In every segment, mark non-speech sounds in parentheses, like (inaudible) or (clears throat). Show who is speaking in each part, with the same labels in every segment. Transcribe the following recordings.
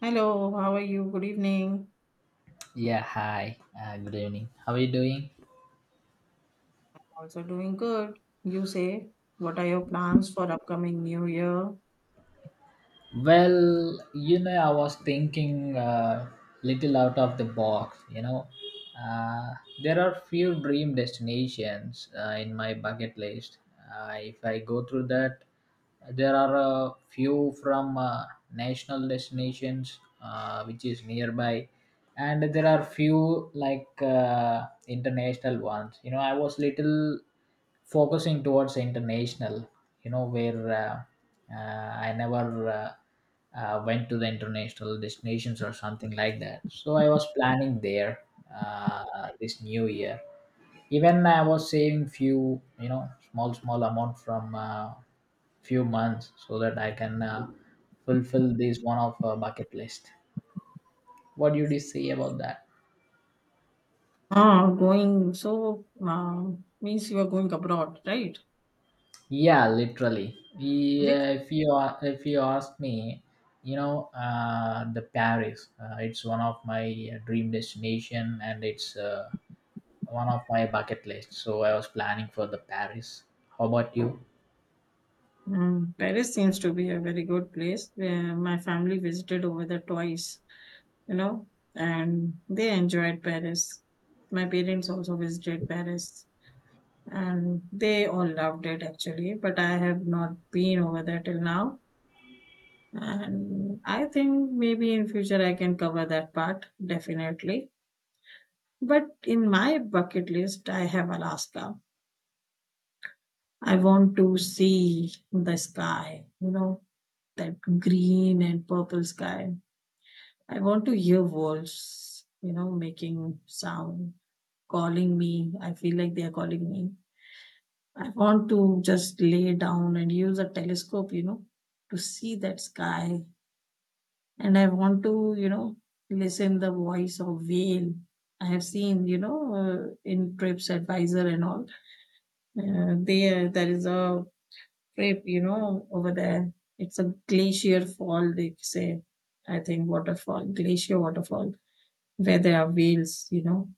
Speaker 1: Hello, how are you? Good evening.
Speaker 2: Yeah, hi. Good evening. How are you doing?
Speaker 1: Also doing good. You say, what are your plans for upcoming new year?
Speaker 2: Well, you know, I was thinking little out of the box. Uh, there are few dream destinations in my bucket list. If I go through that, there are a few from national destinations which is nearby, and there are few like international ones. You know, I was little focusing towards international, you know, where I never uh, went to the international destinations or something like that, so I was planning there this new year. Even I was saving few, you know, small amount from few months so that I can fulfill this one of bucket list. What do you say about that?
Speaker 1: Going so means you are going abroad, right?
Speaker 2: Yeah, literally.
Speaker 1: Which
Speaker 2: Yeah, if you ask me, you know, the Paris. It's one of my dream destination, and it's one of my bucket list. So I was planning for the Paris. How about you?
Speaker 1: Paris seems to be a very good place. Where my family visited over there twice, you know, and they enjoyed Paris. My parents also visited Paris, and they all loved it actually. But I have not been over there till now. And I think maybe in future I can cover that part definitely. But in my bucket list, I have Alaska. I want to see the sky, that green and purple sky. I want to hear wolves, making sound, calling me. I feel like they are calling me. I want to just lay down and use a telescope, to see that sky and I want to, listen the voice of whale. I have seen, in Trips Advisor and all. There is a trip, over there. It's a glacier fall, they say. I think waterfall, glacier waterfall, where there are whales.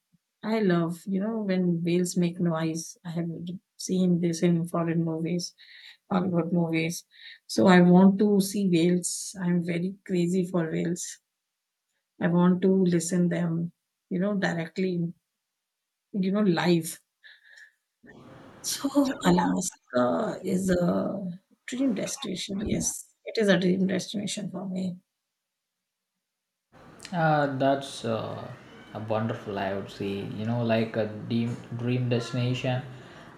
Speaker 1: I love, when whales make noise. I have seen this in foreign movies, Hollywood movies. So I want to see whales. I'm very crazy for whales. I want to listen them, directly, live. So Alaska is a dream destination. Yes, it is a dream destination for me.
Speaker 2: That's a wonderful, I would say, you know, like a dream destination.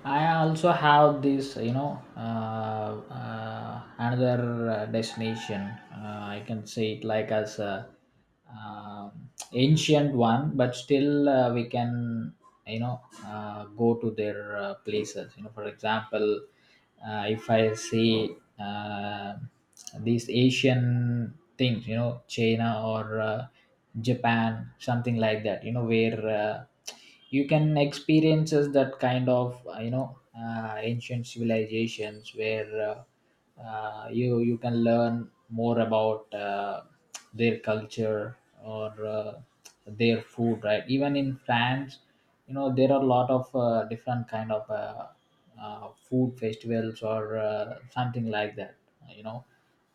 Speaker 2: I also have this, you know, another destination. I can say it like as a ancient one, but still we can, you know, go to their places. You know, for example, if I see these Asian things, you know, China or Japan, something like that. You know, where you can experiences that kind of, you know, ancient civilizations where you can learn more about their culture or their food, right? Even in France, you know, there are a lot of different kind of food festivals or something like that, you know.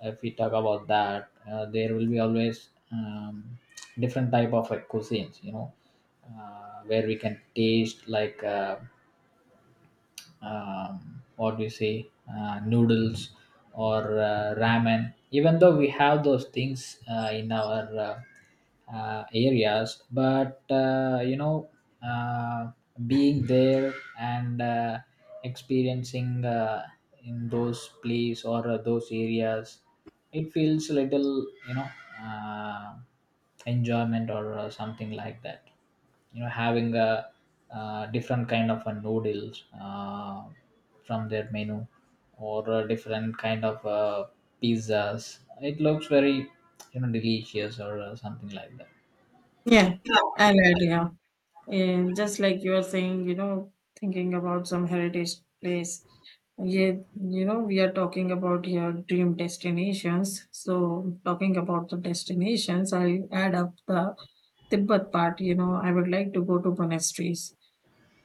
Speaker 2: If we talk about that, there will be always different type of cuisines, you know, where we can taste like what do you say, noodles or ramen. Even though we have those things in our areas, but you know, uh, being there and experiencing in those place or those areas, it feels little, you know, uh, enjoyment or something like that, you know, having a different kind of a noodles from their menu or a different kind of pizzas. It looks very, you know, delicious or something like that.
Speaker 1: Yeah, I like, yeah. And just like you are saying, thinking about some heritage place. Yeah, we are talking about your dream destinations. So talking about the destinations, I add up the Tibet part. I would like to go to monasteries.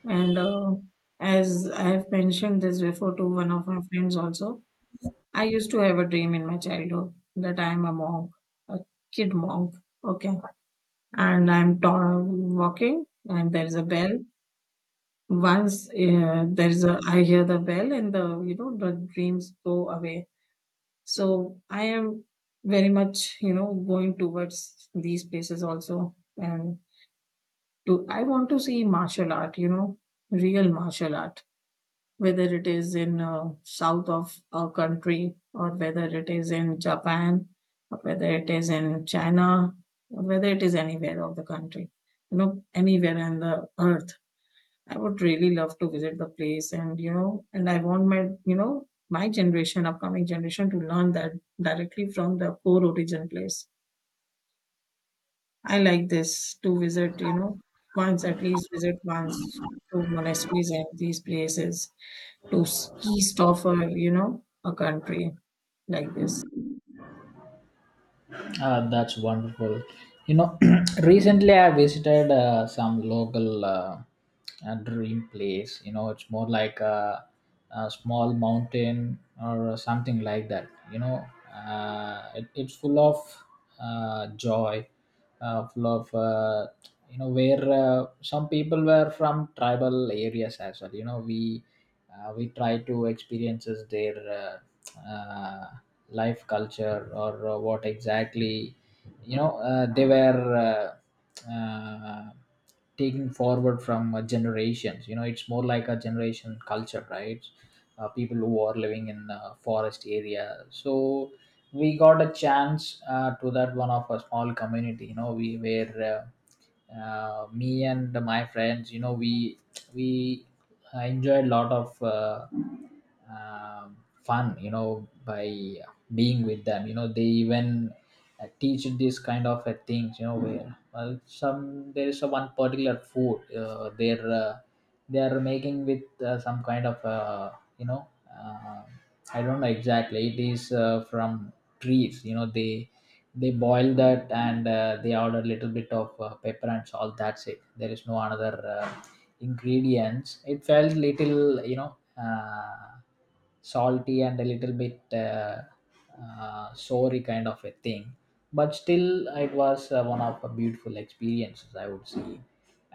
Speaker 1: And as I have mentioned this before to one of my friends also, I used to have a dream in my childhood that I am a monk, a kid monk. Okay. And I'm walking and there's a bell. Once I hear the bell and the dreams go away. So I am very much, going towards these places also. And I want to see martial art, real martial art, whether it is in south of our country, or whether it is in Japan, or whether it is in China, or whether it is anywhere of the country, anywhere in the earth. I would really love to visit the place, and I want my my generation, upcoming generation, to learn that directly from the core origin place. I like this to visit, once, at least visit once, to monasteries and these places, to east of a, you know a country like this.
Speaker 2: That's wonderful, you know. (clears throat) Recently I visited some local dream place, you know. It's more like a small mountain or something like that, you know. It's full of joy, full of you know, where some people were from tribal areas as well, you know. We, we try to experiences their uh, uh, life culture or what exactly, you know, they were uh, uh, taking forward from generations. You know, it's more like a generation culture, right? People who are living in forest area. So we got a chance to that one of a small community, you know. We were me and my friends, you know. We enjoyed a lot of um fun, you know, by being with them, you know. They even teach this kind of things, you know, where well, some, there is a one particular food, they are making with some kind of, you know uh, I don't know exactly, it is from trees, you know. They boil that, and they add a little bit of pepper and salt, that's it. There is no another ingredients. It felt little, you know, uh, salty and a little bit sorry kind of a thing. But still it was one of a beautiful experiences, I would say.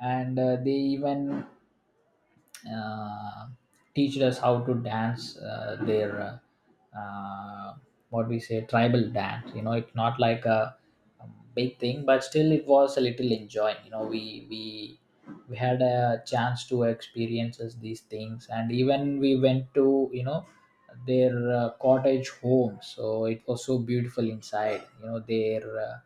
Speaker 2: And they even uh, teached us how to dance their uh, uh, what we say tribal dance, you know. It's not like a big thing, but still it was a little enjoying, you know. We had a chance to experience these things, and even we went to, you know, their cottage home. So it was so beautiful inside, you know, their uh,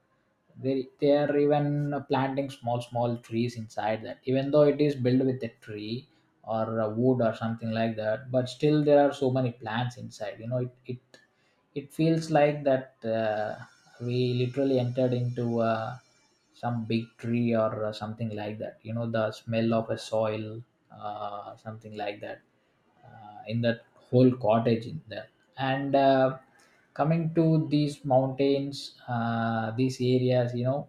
Speaker 2: they they are even planting small trees inside that, even though it is built with a tree or wood or something like that. But still there are so many plants inside, you know. It feels like that we literally entered into some big tree or something like that, you know. The smell of a soil something like that in that whole cottage in there. And coming to these mountains, these areas, you know,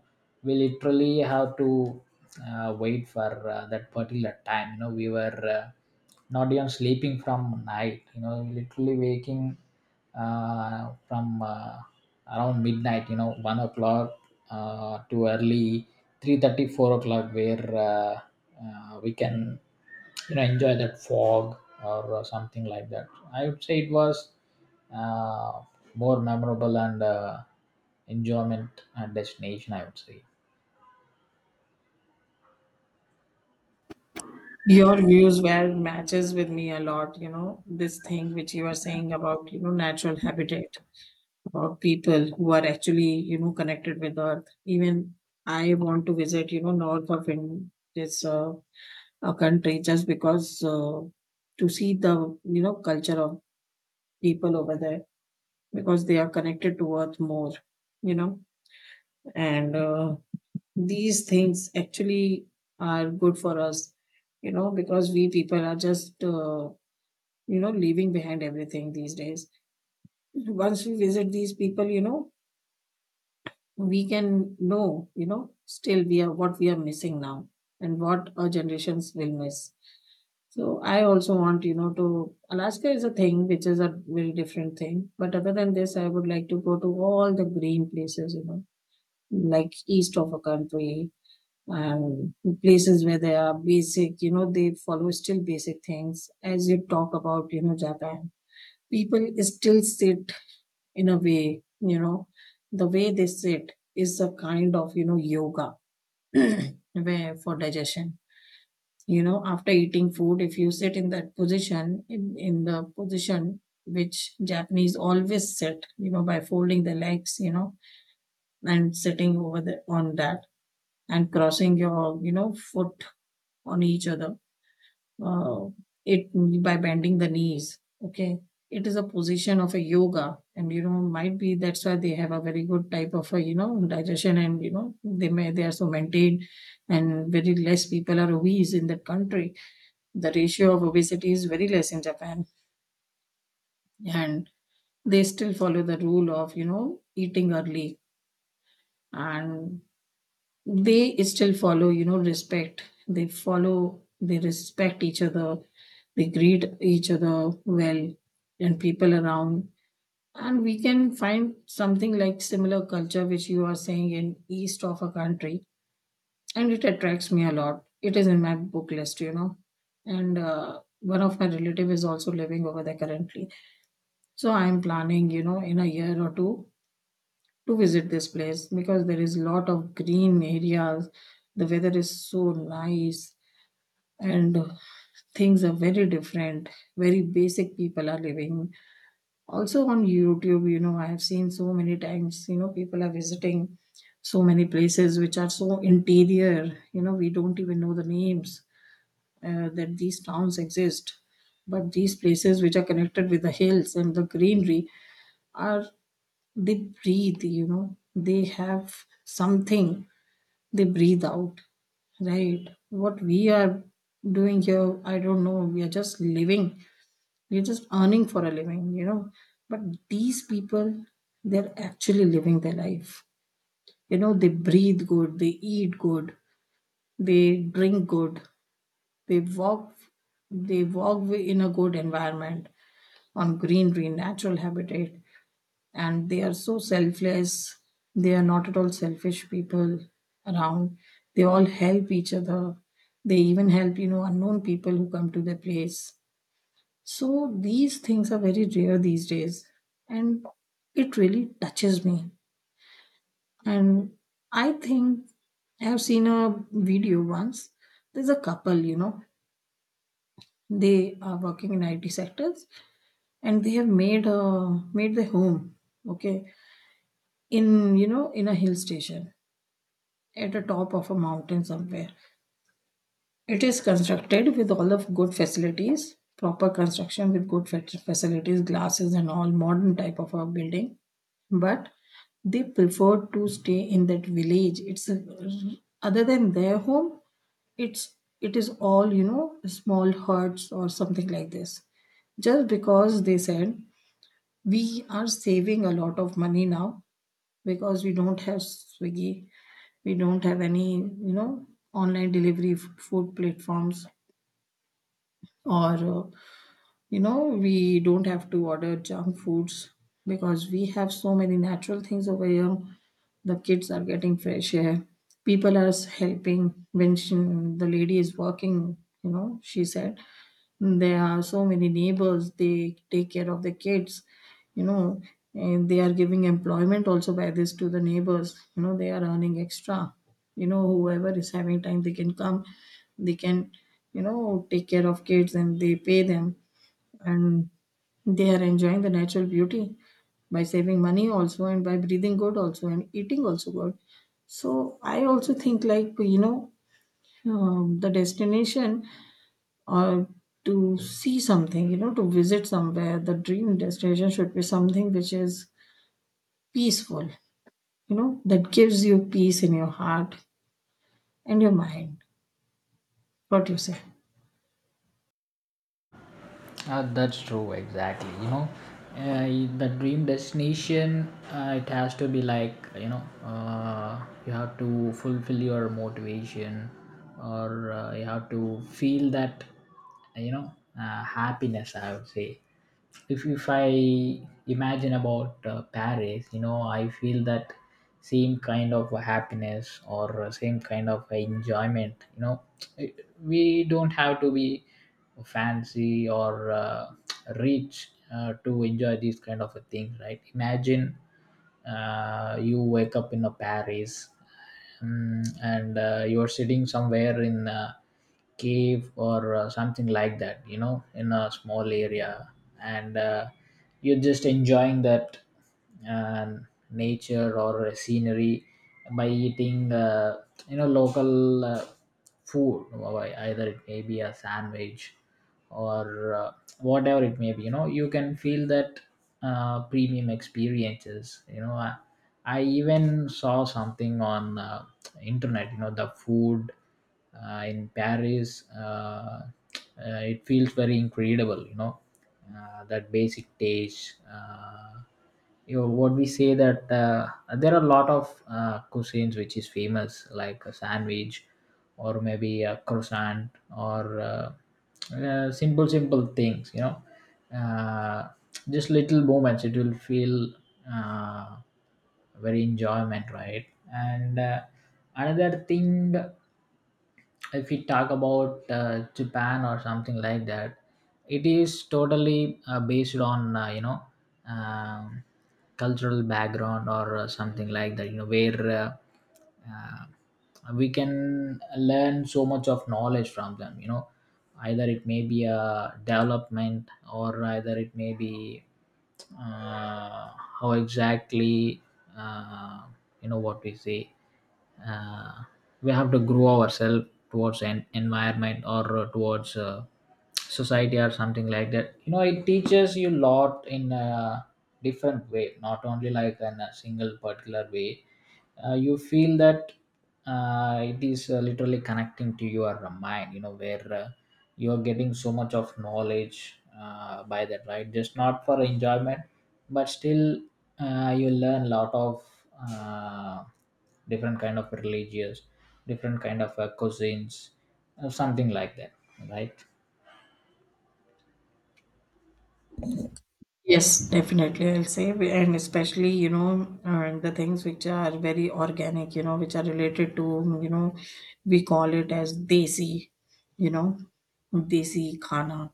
Speaker 2: we literally have to wait for that particular time, you know. We were not even sleeping from night, you know, literally waking from around midnight, you know, 1 o'clock to early 3:30, 4 o'clock, where uh, we can, you know, enjoy that fog or something like that. I would say it was uh, more memorable and enjoyment and destination, I would say.
Speaker 1: Your views were matches with me a lot, this thing which you are saying about, natural habitat, about people who are actually, connected with earth. Even I want to visit, north of, in this a country, just because to see the, culture of people over there, because they are connected to earth more. you know and these things actually are good for us, because we people are just, leaving behind everything these days. Once we visit these people, we can know, still we are what we are missing now, and what our generations will miss. So I also want, to, Alaska is a thing which is a very different thing. But other than this, I would like to go to all the green places, like east of a country, and places where there are basic, they follow still basic things. As you talk about, Japan, people still sit in a way, the way they sit is a kind of, yoga, (clears throat) where for digestion. After eating food, if you sit in that position, in the position which Japanese always sit, by folding the legs, and sitting over the, on that, and crossing your, foot on each other, uh, it, by bending the knees. Okay, it is a position of a yoga, and might be that's why they have a very good type of a, digestion, and they may, they are so maintained, and very less people are obese in that country. The ratio of obesity is very less in Japan, and they still follow the rule of, eating early, and they still follow, respect. They follow, they respect each other, they greet each other well, and people around. And we can find something like similar culture which you are saying in east of a country, and it attracts me a lot. It is in my book list, and one of my relative is also living over there currently. So I'm planning, in a year or two, to visit this place, because there is lot of green areas. The weather is so nice, and things are very different. Very basic people are living. Also on YouTube, I have seen so many times, people are visiting so many places which are so interior, we don't even know the names, that these towns exist. But these places which are connected with the hills and the greenery are, they breathe, they have something, they breathe out, right? What we are doing here, I don't know, we are just living, we're just earning for a living, but these people, they're actually living their life, they breathe good, they eat good, they drink good, they walk, they walk in a good environment, on greenery, natural habitat. And they are so selfless. They are not at all selfish people around. They all help each other. They even help, unknown people who come to their place. So these things are very rare these days. And it really touches me. And I think I have seen a video once. There's a couple, they are working in IT sectors, and they have made their home, okay, in a hill station, at the top of a mountain somewhere. It is constructed with all of good facilities, proper construction with good facilities, glasses and all modern type of a building. But they prefer to stay in that village. It's a, other than their home, it's, it is all, small huts or something like this. Just because they said, we are saving a lot of money now, because we don't have Swiggy, we don't have any, online delivery food platforms, or, we don't have to order junk foods because we have so many natural things over here. The kids are getting fresh air. People are helping, when she, the lady is working, she said. There are so many neighbors, they take care of the kids, you know, and they are giving employment also by this to the neighbors, they are earning extra. Whoever is having time, they can come, they can, take care of kids and they pay them, and they are enjoying the natural beauty by saving money also, and by breathing good also, and eating also good. So I also think like, the destination, or to see something, to visit somewhere. The dream destination should be something which is peaceful, that gives you peace in your heart and your mind. What do you say?
Speaker 2: That's true, exactly. You know, uh, the dream destination, it has to be like, you know, you have to fulfill your motivation or you have to feel that, you know, happiness, I would say. If I imagine about Paris, you know, I feel that same kind of happiness or same kind of enjoyment, you know. (tsk) We don't have to be fancy or reach to enjoy these kind of a things, right? Imagine you wake up in a Paris, mm, and you're sitting somewhere in a cave or something like that, you know, in a small area, and you're just enjoying that uh, nature or scenery by eating you know, local food. Why- either it may be a sandwich or whatever it may be, you know. You can feel that premium experiences, you know. I even saw something on internet, you know, the food in Paris, (tsk) it feels very incredible, you know, that basic taste, you know, what we say that there are a lot of cuisines which is famous like a sandwich or maybe a croissant or simple things, you know, uh, just little moments. It will feel uh, very enjoyment, right? And another thing, if we talk about Japan or something like that, it is totally based on, you know um, cultural background or something like that. You know, where we can learn so much of knowledge from them. You know, either it may be a development or either it may be uh, how exactly, uh, you know, what we say, uh, we have to grow ourselves towards an environment or towards society or something like that. You know, it teaches you lot in a different way, not only like in a single particular way. You feel that it is literally connecting to your mind, you know, where you are getting so much of knowledge by that, right? Just not for enjoyment, but still you learn lot of uh, different kind of religious, different kind of cuisines, something like that, right?
Speaker 1: Yes, definitely. I'll say, and especially, the things which are very organic, which are related to, we call it as desi, you know, desi khana.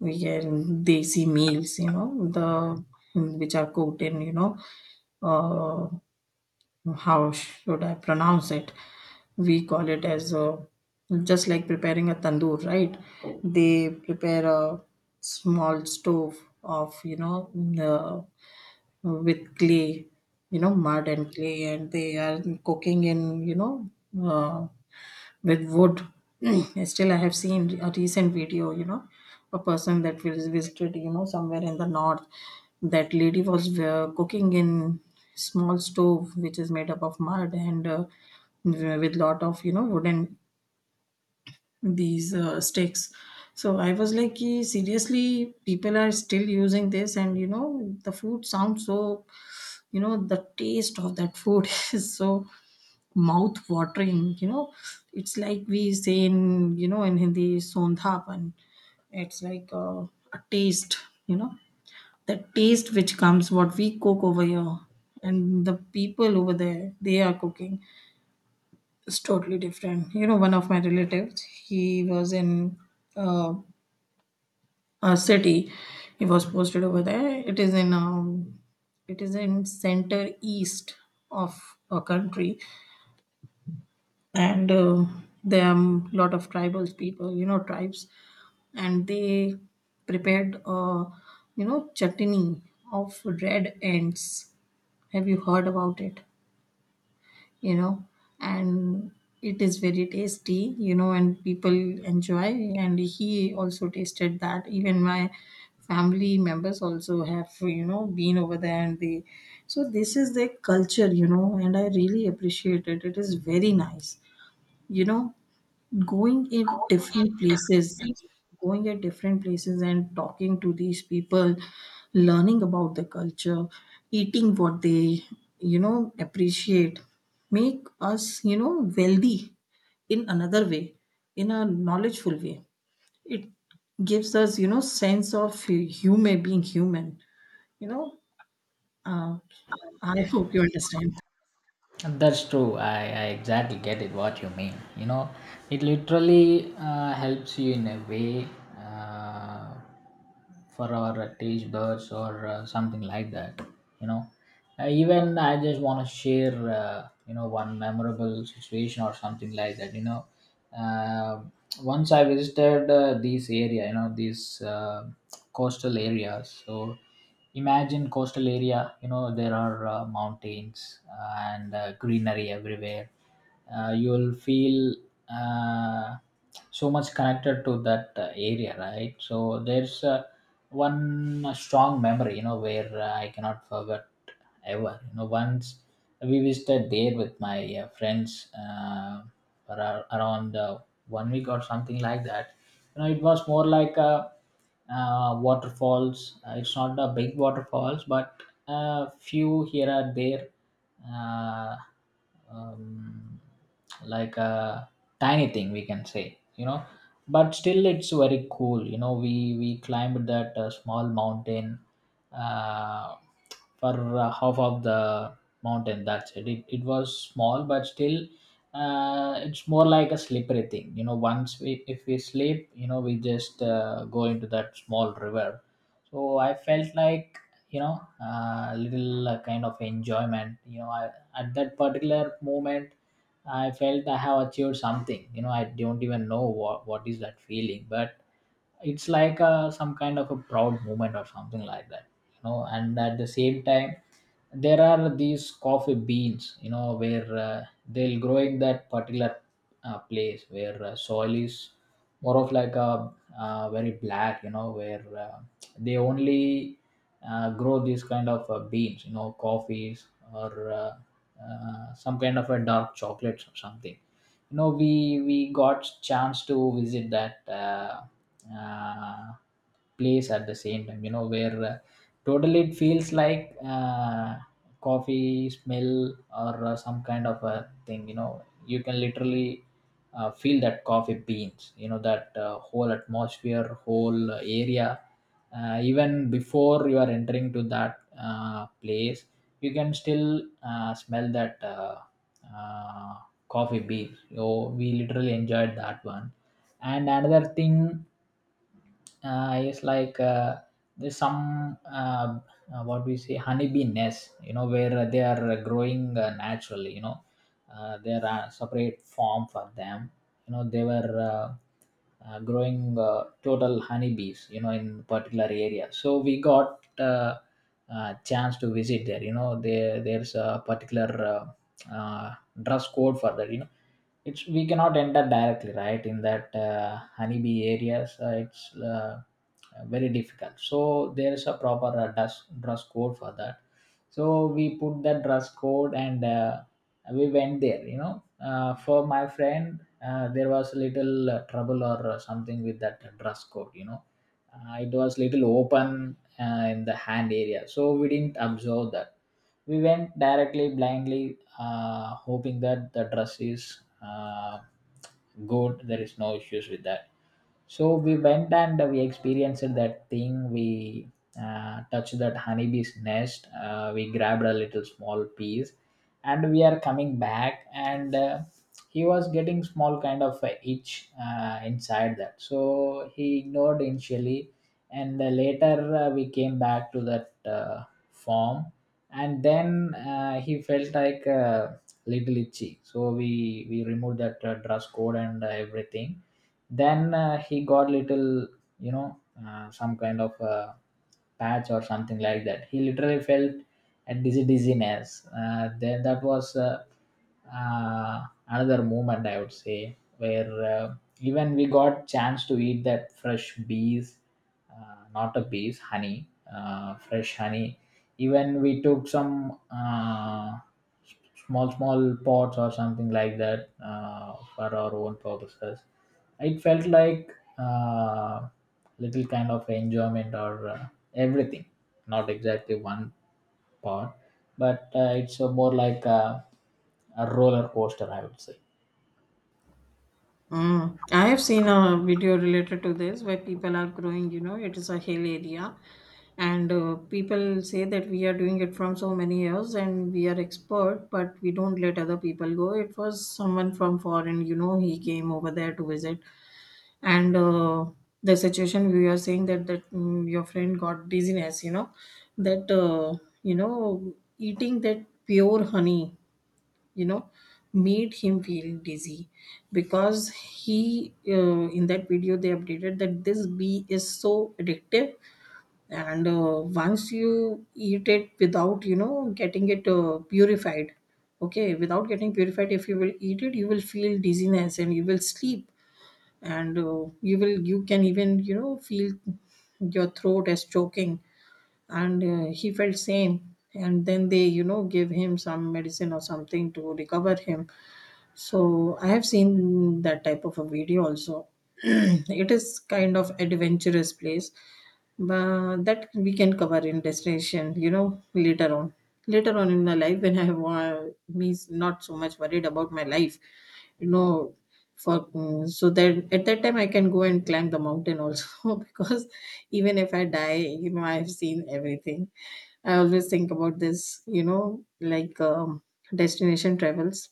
Speaker 1: We get desi meals, the, which are cooked in, uh, how should I pronounce it? We call it as a, just like preparing a tandoor, right? They prepare a small stove of, the, with clay, mud and clay, and they are cooking in, uh, with wood. (clears throat) Still, I have seen a recent video, a person that was visited, somewhere in the north. That lady was cooking in small stove, which is made up of mud and with lot of, wooden these sticks. So I was like, "Ki, seriously, people are still using this, and the food sounds so, the taste of that food (laughs) is so mouth watering. It's like we say in, in Hindi, sondhapan. It's like a taste you know the taste which comes what we cook over here and the people over there they are cooking is totally different, one of my relatives, he was in uh, a city. He was posted over there. It is in it is in center east of a country. And there are a lot of tribal people, tribes, and they prepared chutney of red ants. Have you heard about it, you know and it is very tasty, and people enjoy, and he also tasted that. Even my family members also have, been over there, and they, so this is their culture, and I really appreciate it. It is very nice, you know going in different places, going at different places and talking to these people, learning about the culture, eating what they, appreciate. Make us, wealthy in another way, in a knowledgeful way. It gives us, sense of human, being human, you know uh, I hope you understand.
Speaker 2: That's true. I exactly get it what you mean. You know, it literally helps you in a way uh, for our cage birds or something like that. You know, even I just want to share, you know, one memorable situation or something like that. You know, uh, once I visited this area, you know, these coastal areas. So imagine coastal area, you know, there are mountains and greenery everywhere. You'll feel uh, so much connected to that area, right? So there's one strong memory, you know, where I cannot forget ever, you know. Once we visited there with my friends for around 1 week or something like that, you know. It was more like a waterfalls. It's not a big waterfalls, but a few here and there, uh, um, like a tiny thing, we can say, you know. But still, it's very cool. You know, we climbed that small mountain. Uh, for half of the mountain, that's it. It was small but still it's more like a slippery thing, you know, once we if we sleep, you know, we just go into that small river. So I felt like, you know, a little kind of enjoyment, you know, I, at that particular moment, I felt I have achieved something, you know. I don't even know what is that feeling, but it's like a, some kind of a proud moment or something like that, you know. And at the same time, there are these coffee beans, you know, where they'll grow in that particular place where soil is more of like a very black, you know, where they only grow these kind of beans, you know, coffees or some kind of a dark chocolates or something. You know, we got chance to visit that uh, place at the same time. You know, where totally it feels like coffee smell or some kind of a thing. You know, you can literally feel that coffee beans. You know, that whole atmosphere, whole area, even before you are entering to that place, you can still smell that uh, coffee beans. So we literally enjoyed that one. And another thing is like there's some what we say honeybee nest, you know, where they are growing naturally, you know. There are separate form for them, you know. They were growing total honeybees, you know, in particular area. So we got chance to visit there, you know. There's a particular dress code for that, you know. It's we cannot enter directly right in that honeybee areas. It's very difficult. So there is a proper dress code for that. So we put that dress code and we went there, you know. For my friend, there was a little trouble or something with that dress code, you know. It was little open in the hand area, so we didn't observe that. We went directly blindly, hoping that the dress is good, there is no issues with that. So we went and we experienced that thing. We touched that honeybee's nest. We grabbed a little small piece, and we are coming back, and he was getting small kind of a itch inside that, so he ignored initially. And later, we came back to that form, and then he felt like little itchy. So we removed that dress code and everything. Then he got little, you know, some kind of patch or something like that, he literally felt. And dizzy dizziness. Then that was another moment, I would say, where even we got chance to eat that fresh bees, not a bees, honey, fresh honey. Even we took some s- small small pots or something like that for our own purposes. It felt like uh, little kind of enjoyment or everything, not exactly one part, but it's more like a roller coaster, I would say.
Speaker 1: Mm. I have seen a video related to this where people are growing, you know, it is a hill area, and people say that we are doing it from so many years and we are expert, but we don't let other people go. It was someone from foreign, you know, he came over there to visit, and the situation we are saying that that your friend got dizziness, you know, that eating that pure honey, you know made him feel dizzy because he in that video they updated that this bee is so addictive. And once you eat it without, getting it purified, okay, without getting purified, if you will eat it, you will feel dizziness and you will sleep. And you will, you can even, feel your throat as choking. And he felt same, and then they, give him some medicine or something to recover him. So I have seen that type of a video also. (clears throat) It is kind of adventurous place, but that we can cover in destination. You know, later on, later on in my life when I have me's not so much worried about my life. You know, for so that at that time I can go and climb the mountain also (laughs) because even if I die, you know, I have seen everything. I always think about this. You know, like destination travels.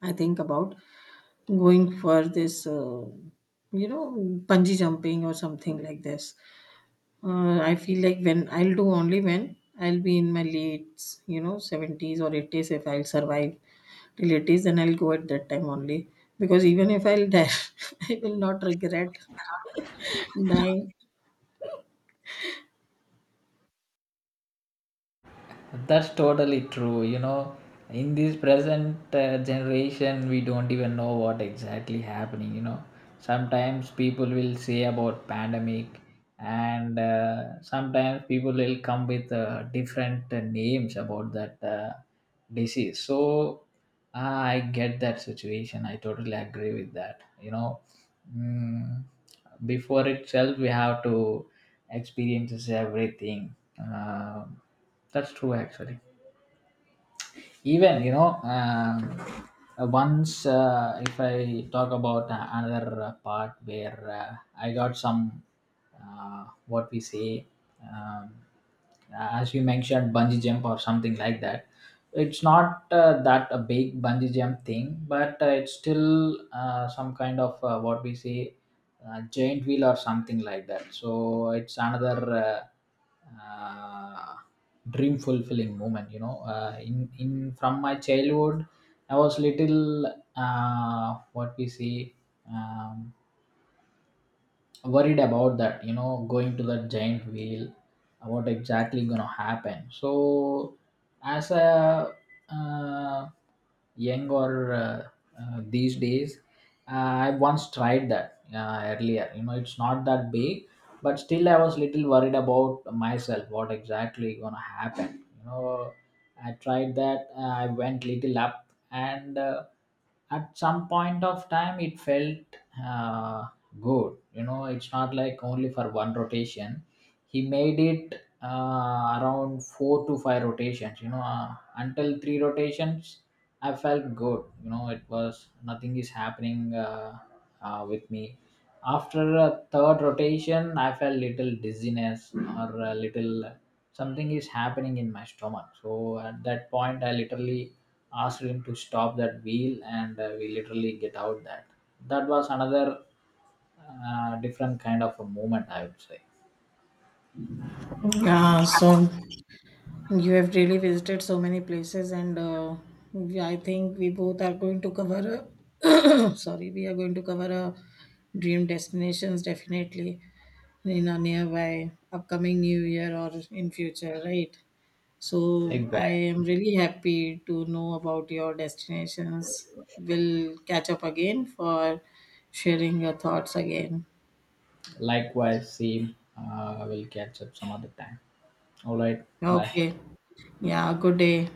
Speaker 1: I think about going for this, you know, bungee jumping or something like this. I feel like when I'll do only when I'll be in my late, you know, 70s or 80s if I'll survive till 80s, then I'll go at that time only. Because even if I'll die, (laughs) I will not regret dying.
Speaker 2: That's totally true. You know, in this present generation, we don't even know what exactly happening. You know, sometimes people will say about pandemic, and sometimes people will come with different names about that disease. So I get that situation. I totally agree with that. You know, mm, before itself, we have to experiences everything. That's true, actually. Even you know, once if I talk about another part where I got some what we say, um, as you mentioned, bungee jump or something like that. It's not that a big bungee jump thing, but it's still some kind of what we say giant wheel or something like that. So it's another uh, uh, dream fulfilling moment. You know, in from my childhood, I was little what we say. Um, Worried about that, you know, going to that giant wheel. What exactly gonna happen? So as a uh, young or these days, uh, I once tried that earlier, you know, it's not that big, but still I was little worried about myself what exactly gonna happen, you know. I tried that, I went little up, and at some point of time it felt uh, good. You know, it's not like only for one rotation. He made it around four to five rotations, you know. Until three rotations I felt good. You know, it was nothing is happening with me. After a third rotation I felt little dizziness or a little something is happening in my stomach. So at that point I literally asked him to stop that wheel, and we literally get out that. That was another different kind of a moment, I would say.
Speaker 1: Yeah, so you have really visited so many places, and I think we both are going to cover a (coughs) (clears throat) sorry, we are going to cover a dream destinations definitely in a nearby upcoming new year or in future, right? So I am
Speaker 2: Exactly.
Speaker 1: really happy to know about your destinations. We'll catch up again for sharing your thoughts again.
Speaker 2: Likewise, see, we'll catch up some other time. All right. Bye.
Speaker 1: Okay. Yeah, good day.